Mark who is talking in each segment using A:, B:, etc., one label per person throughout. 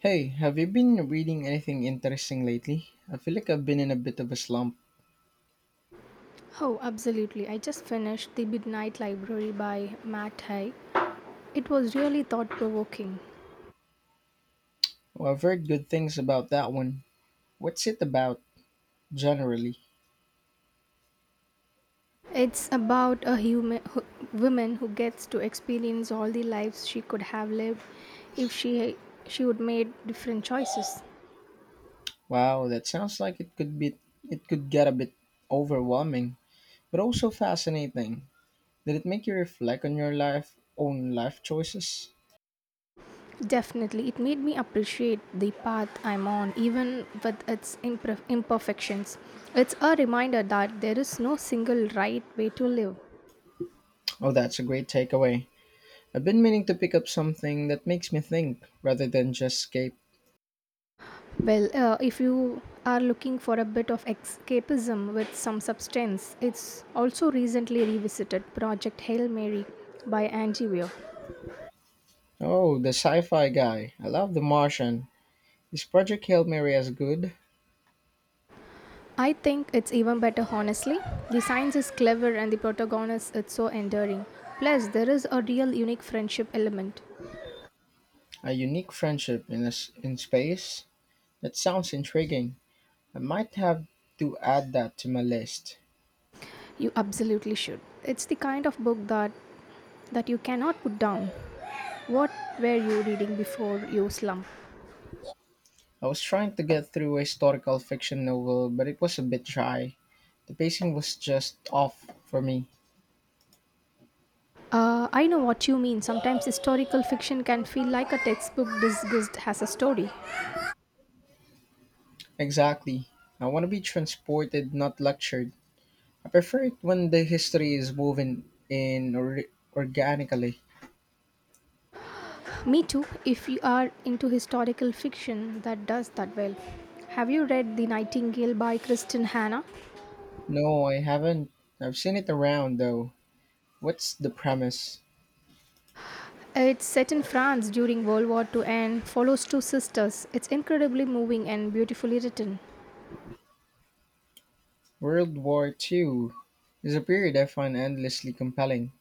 A: Hey, have you been reading anything interesting lately? I feel like I've been in a bit of a slump.
B: Oh, absolutely. I just finished The Midnight Library by Matt Haig. It was really thought provoking.
A: Well, I've heard good things about that one. What's it about generally?
B: It's about a woman who gets to experience all the lives she could have lived if she would made different choices.
A: Wow, that sounds like it could get a bit overwhelming, but also fascinating. Did it make you reflect on your life own life choices?
B: Definitely, it made me appreciate the path I'm on, even with its imperfections. It's a reminder that there is no single right way to live.
A: Oh, that's a great takeaway. I've been meaning to pick up something that makes me think rather than just escape.
B: Well, if you are looking for a bit of escapism with some substance, it's also recently revisited Project Hail Mary by Angie Weir.
A: Oh, the sci-fi guy. I love The Martian. This Project Hail Mary as good?
B: I think it's even better, honestly. The science is clever and the protagonist is so enduring. Plus, there is a real unique friendship element.
A: A unique friendship in a s in space? That sounds intriguing. I might have to add that to my list.
B: You absolutely should. It's the kind of book that you cannot put down. What were you reading before you slump?
A: I was trying to get through a historical fiction novel, but it was a bit dry. The pacing was just off for me.
B: I know what you mean. Sometimes historical fiction can feel like a textbook disguised as a story.
A: Exactly. I want to be transported, not lectured. I prefer it when the history is woven organically.
B: Me too, if you are into historical fiction that does that well. Have you read The Nightingale by Kristen Hannah?
A: No, I haven't. I've seen it around though. What's the premise?
B: It's set in France during World War Two and follows two sisters. It's incredibly moving and beautifully written.
A: World War Two is a period I find endlessly compelling.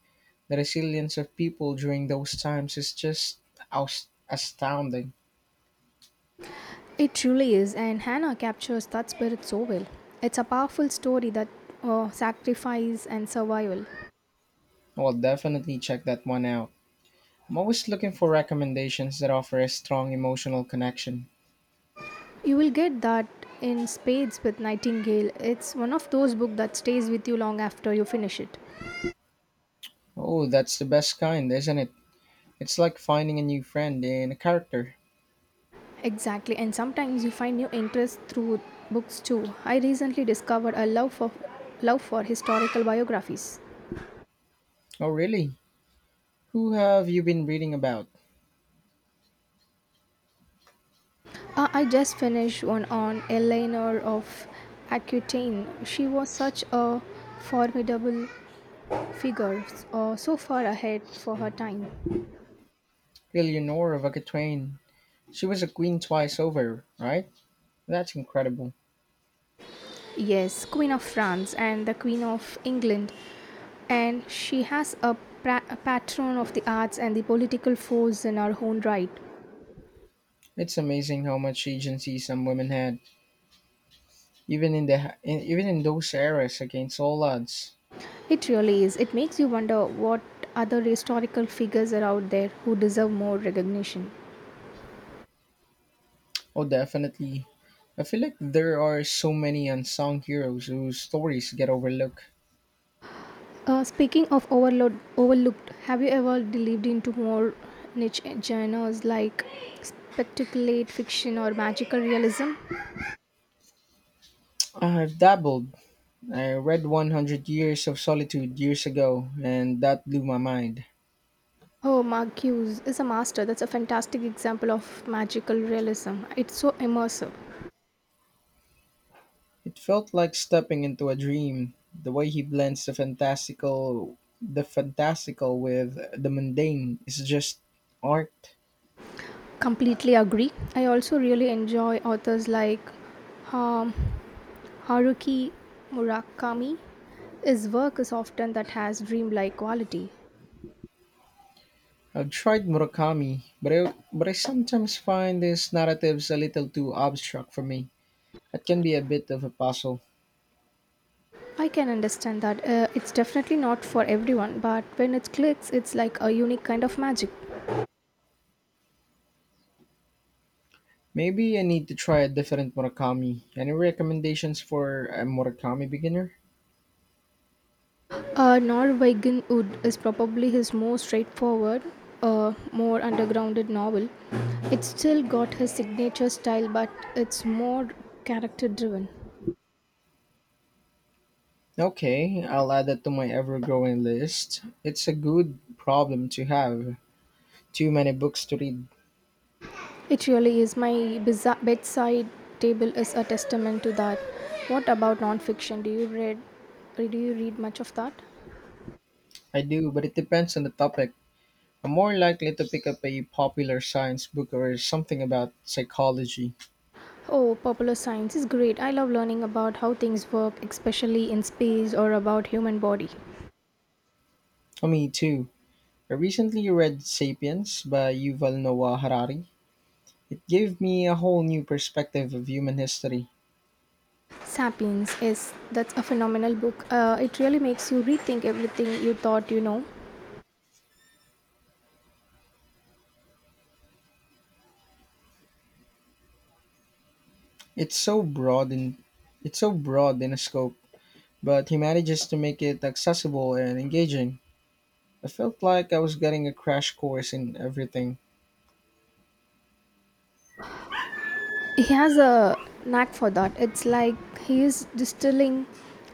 A: The resilience of people during those times is just astounding.
B: It truly is, and Hannah captures that spirit so well. It's a powerful story that sacrifice and survival.
A: I will definitely check that one out. I'm always looking for recommendations that offer a strong emotional connection.
B: You will get that in spades with Nightingale. It's one of those books that stays with you long after you finish it.
A: Oh, that's the best kind, isn't it? It's like finding a new friend in a character.
B: Exactly, and sometimes you find new interest through books too. I recently discovered a love for historical biographies.
A: Oh, really? Who have you been reading about?
B: I just finished one on Eleanor of Aquitaine. She was such a formidable figure, so far ahead for her time.
A: Eleanor of Aquitaine. She was a queen twice over, right? That's incredible.
B: Yes, Queen of France and the Queen of England. And she has a, pra- a patron of the arts and the political force in her own right.
A: It's amazing how much agency some women had, even even in those eras against all odds.
B: It really is. It makes you wonder what other historical figures are out there who deserve more recognition.
A: Oh, definitely. I feel like there are so many unsung heroes whose stories get overlooked.
B: Speaking of overlooked, have you ever delved into more niche genres like speculate fiction or magical realism?
A: I've dabbled. I read 100 Years of Solitude years ago, and that blew my mind.
B: Oh, Mark Hughes is a master. That's a fantastic example of magical realism. It's so immersive.
A: It felt like stepping into a dream. The way he blends the fantastical with the mundane is just art.
B: Completely agree. I also really enjoy authors like um, Haruki Murakami. His work is often that has dreamlike quality.
A: I've tried Murakami, but I sometimes find his narratives a little too abstract for me. It can be a bit of a puzzle.
B: I can understand that, it's definitely not for everyone, but when it clicks, it's like a unique kind of magic.
A: Maybe I need to try a different Murakami. Any recommendations for a Murakami beginner?
B: Norwegian Wood is probably his most straightforward, more undergrounded novel. It's still got his signature style, but it's more character driven.
A: Okay, I'll add that to my ever growing list. It's a good problem to have. Too many books to read.
B: It really is. My bedside table is a testament to that. What about nonfiction? Do you read? Do you read much of that?
A: I do, but it depends on the topic. I'm more likely to pick up a popular science book or something about psychology.
B: Oh, popular science is great. I love learning about how things work, especially in space or about human body.
A: Oh, me too. I recently read *Sapiens* by Yuval Noah Harari. It gave me a whole new perspective of human history.
B: Sapiens is that's a phenomenal book. It really makes you rethink everything you thought you know.
A: It's so broad in it's so broad in a scope, but he manages to make it accessible and engaging. I felt like I was getting a crash course in everything.
B: He has a knack for that. It's like he is distilling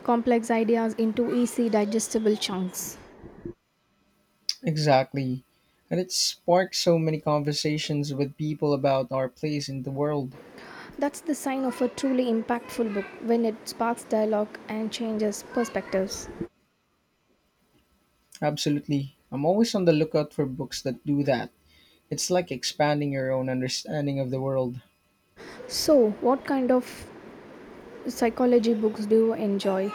B: complex ideas into easy digestible chunks.
A: Exactly. And it sparked so many conversations with people about our place in the world.
B: That's the sign of a truly impactful book when it sparks dialogue and changes perspectives.
A: Absolutely. I'm always on the lookout for books that do that. It's like expanding your own understanding of the world.
B: So, what kind of psychology books do you enjoy?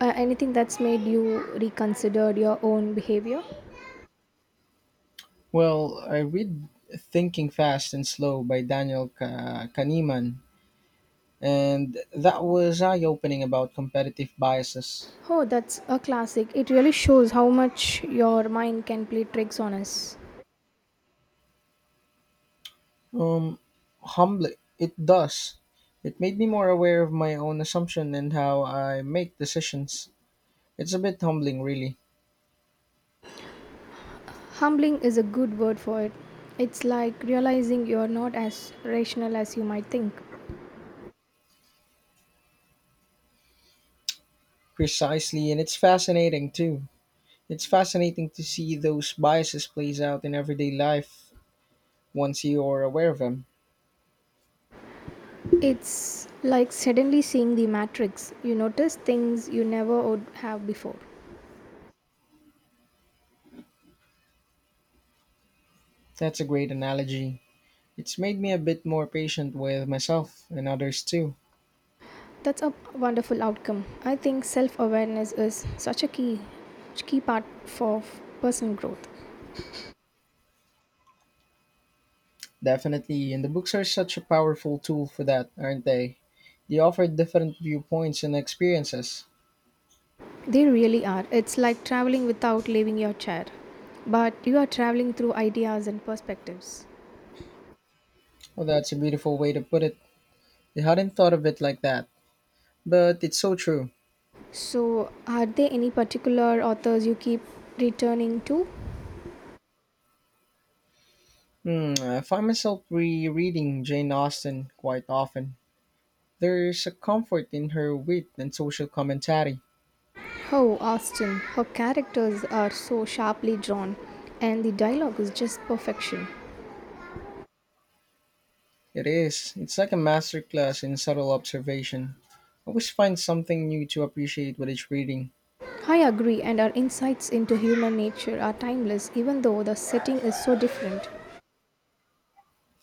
B: Anything that's made you reconsider your own behavior?
A: Well, I read Thinking Fast and Slow by Daniel Kahneman, and that was eye opening about competitive biases.
B: Oh, that's a classic. It really shows how much your mind can play tricks on us.
A: Um, Humbly, it does. It made me more aware of my own assumption and how I make decisions. It's a bit humbling, really.
B: Humbling is a good word for it. It's like realizing you're not as rational as you might think.
A: Precisely, and it's fascinating too. It's fascinating to see those biases plays out in everyday life once you are aware of them.
B: It's like suddenly seeing the matrix. You notice things you never would have before.
A: That's a great analogy. It's made me a bit more patient with myself and others too.
B: That's a wonderful outcome. I think self-awareness is such a key part for personal growth.
A: Definitely, and the books are such a powerful tool for that, aren't they? They offer different viewpoints and experiences.
B: They really are. It's like traveling without leaving your chair, but you are traveling through ideas and perspectives.
A: Well, that's a beautiful way to put it. I hadn't thought of it like that, but it's so true.
B: So, are there any particular authors you keep returning to?
A: I find myself rereading Jane Austen quite often. There's a comfort in her wit and social commentary.
B: Oh, Austen. Her characters are so sharply drawn, and the dialogue is just perfection.
A: It is. It's like a masterclass in subtle observation. I always find something new to appreciate with each reading.
B: I agree, and our insights into human nature are timeless, even though the setting is so different.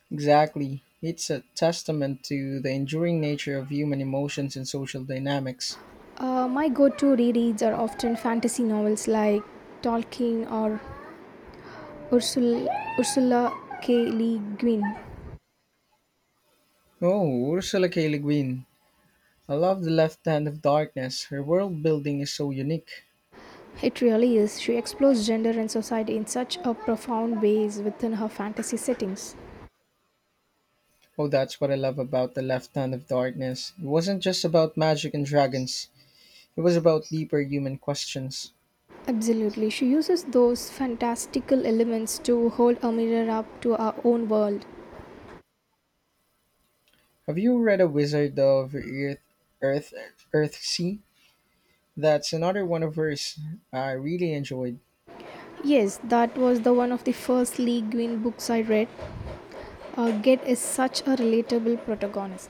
A: Exactly. It's a testament to the enduring nature of human emotions and social dynamics.
B: My go to rereads are often fantasy novels like Tolkien or Ursula, Ursula K. Le Guin.
A: Oh, Ursula K. Le Guin. I love The Left Hand of Darkness. Her world building is so unique.
B: It really is. She explores gender and society in such a profound ways within her fantasy settings.
A: Oh, that's what I love about The Left Hand of Darkness. It wasn't just about magic and dragons, it was about deeper human questions.
B: Absolutely. She uses those fantastical elements to hold a mirror up to our own world.
A: Have you read A Wizard of Earth, Earth Sea? That's another one of hers I really enjoyed.
B: Yes, that was the one of the first Le Guin books I read. Get is such a relatable protagonist.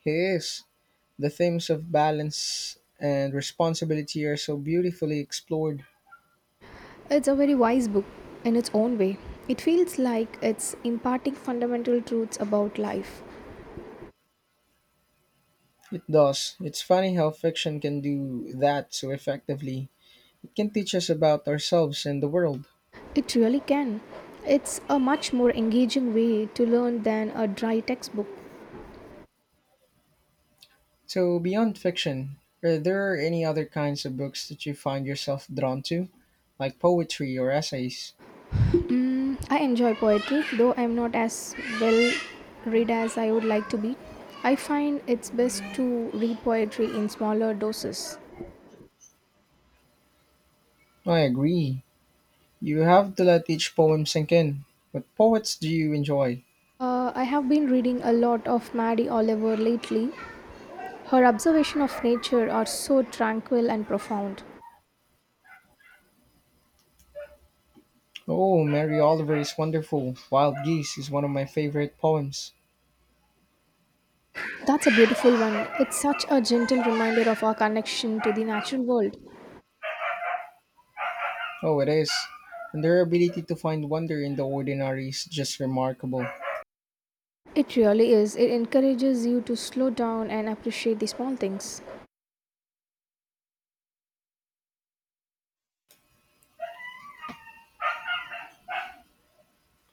A: He is. The themes of balance and responsibility are so beautifully explored.
B: It's a very wise book in its own way. It feels like it's imparting fundamental truths about life.
A: It does. It's funny how fiction can do that so effectively. It can teach us about ourselves and the world.
B: It really can. It's a much more engaging way to learn than a dry textbook.
A: So, beyond fiction, are there any other kinds of books that you find yourself drawn to, like poetry or essays?
B: Mm, I enjoy poetry, though I'm not as well read as I would like to be. I find it's best to read poetry in smaller doses.
A: I agree. You have to let each poem sink in. What poets do you enjoy?
B: I have been reading a lot of Maddie Oliver lately. Her observation of nature are so tranquil and profound.
A: Oh, Mary Oliver is wonderful. Wild Geese is one of my favorite poems.
B: That's a beautiful one. It's such a gentle reminder of our connection to the natural world.
A: Oh, it is. And their ability to find wonder in the ordinary is just remarkable.
B: It really is. It encourages you to slow down and appreciate the small things.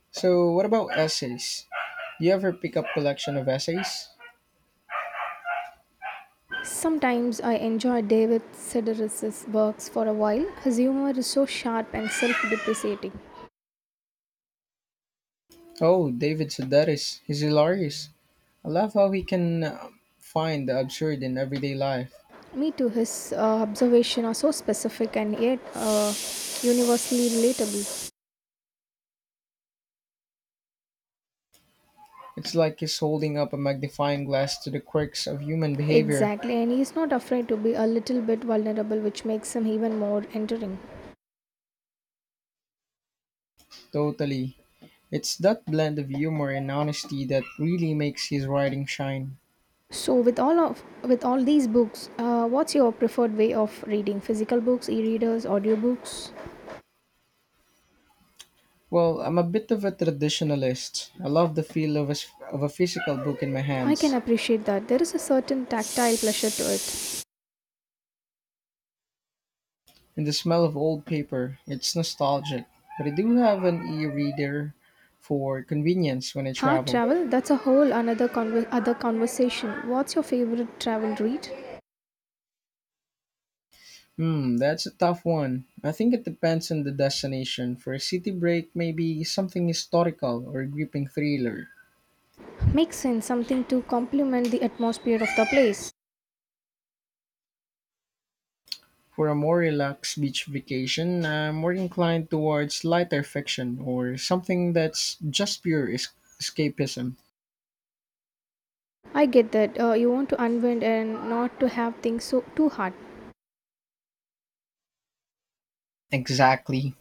A: So, what about essays? Do you ever pick up collection of essays?
B: Sometimes I enjoy David Sedaris's works for a while. His humor is so sharp and self-depreciating.
A: Oh, David Sedaris. He's hilarious. I love how he can find the absurd in everyday life.
B: Me too. His observations are so specific and yet universally relatable.
A: It's like he's holding up a magnifying glass to the quirks of human behavior.
B: Exactly, and he's not afraid to be a little bit vulnerable, which makes him even more endearing.
A: Totally. It's that blend of humor and honesty that really makes his writing shine.
B: So, with all these books, what's your preferred way of reading? Physical books, e-readers, audiobooks?
A: Well, I'm a bit of a traditionalist. I love the feel of a physical book in my
B: I can
A: hands
B: appreciate that. There is a certain tactile pleasure to it.
A: and the smell of old paper. It's nostalgic. But I do have an e reader for convenience when I
B: Huh?
A: travel.
B: Travel? That's a whole other conversation. What's your favorite travel read?
A: That's a tough one. I think it depends on the destination. For a city break, maybe something historical or a gripping thriller.
B: Makes sense. Something to complement the atmosphere of the place.
A: For a more relaxed beach vacation, I'm more inclined towards lighter fiction or something that's just pure escapism.
B: I get that. You want to unwind and not to have things so too hard.
A: Exactly.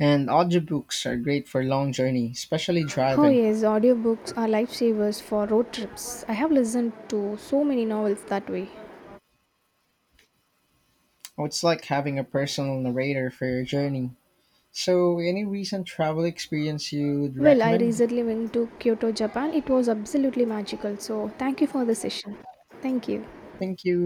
A: And audiobooks are great for long journey, especially
B: Oh
A: driving.
B: yes, audiobooks are lifesavers for road trips. I have listened to so many novels that way.
A: Oh, it's like having a personal narrator for your journey. So, any recent travel experience you'd
B: Well, I
A: recommend?
B: recently went to Kyoto, Japan. It was absolutely magical. So, thank you for the session. Thank you.
A: Thank you.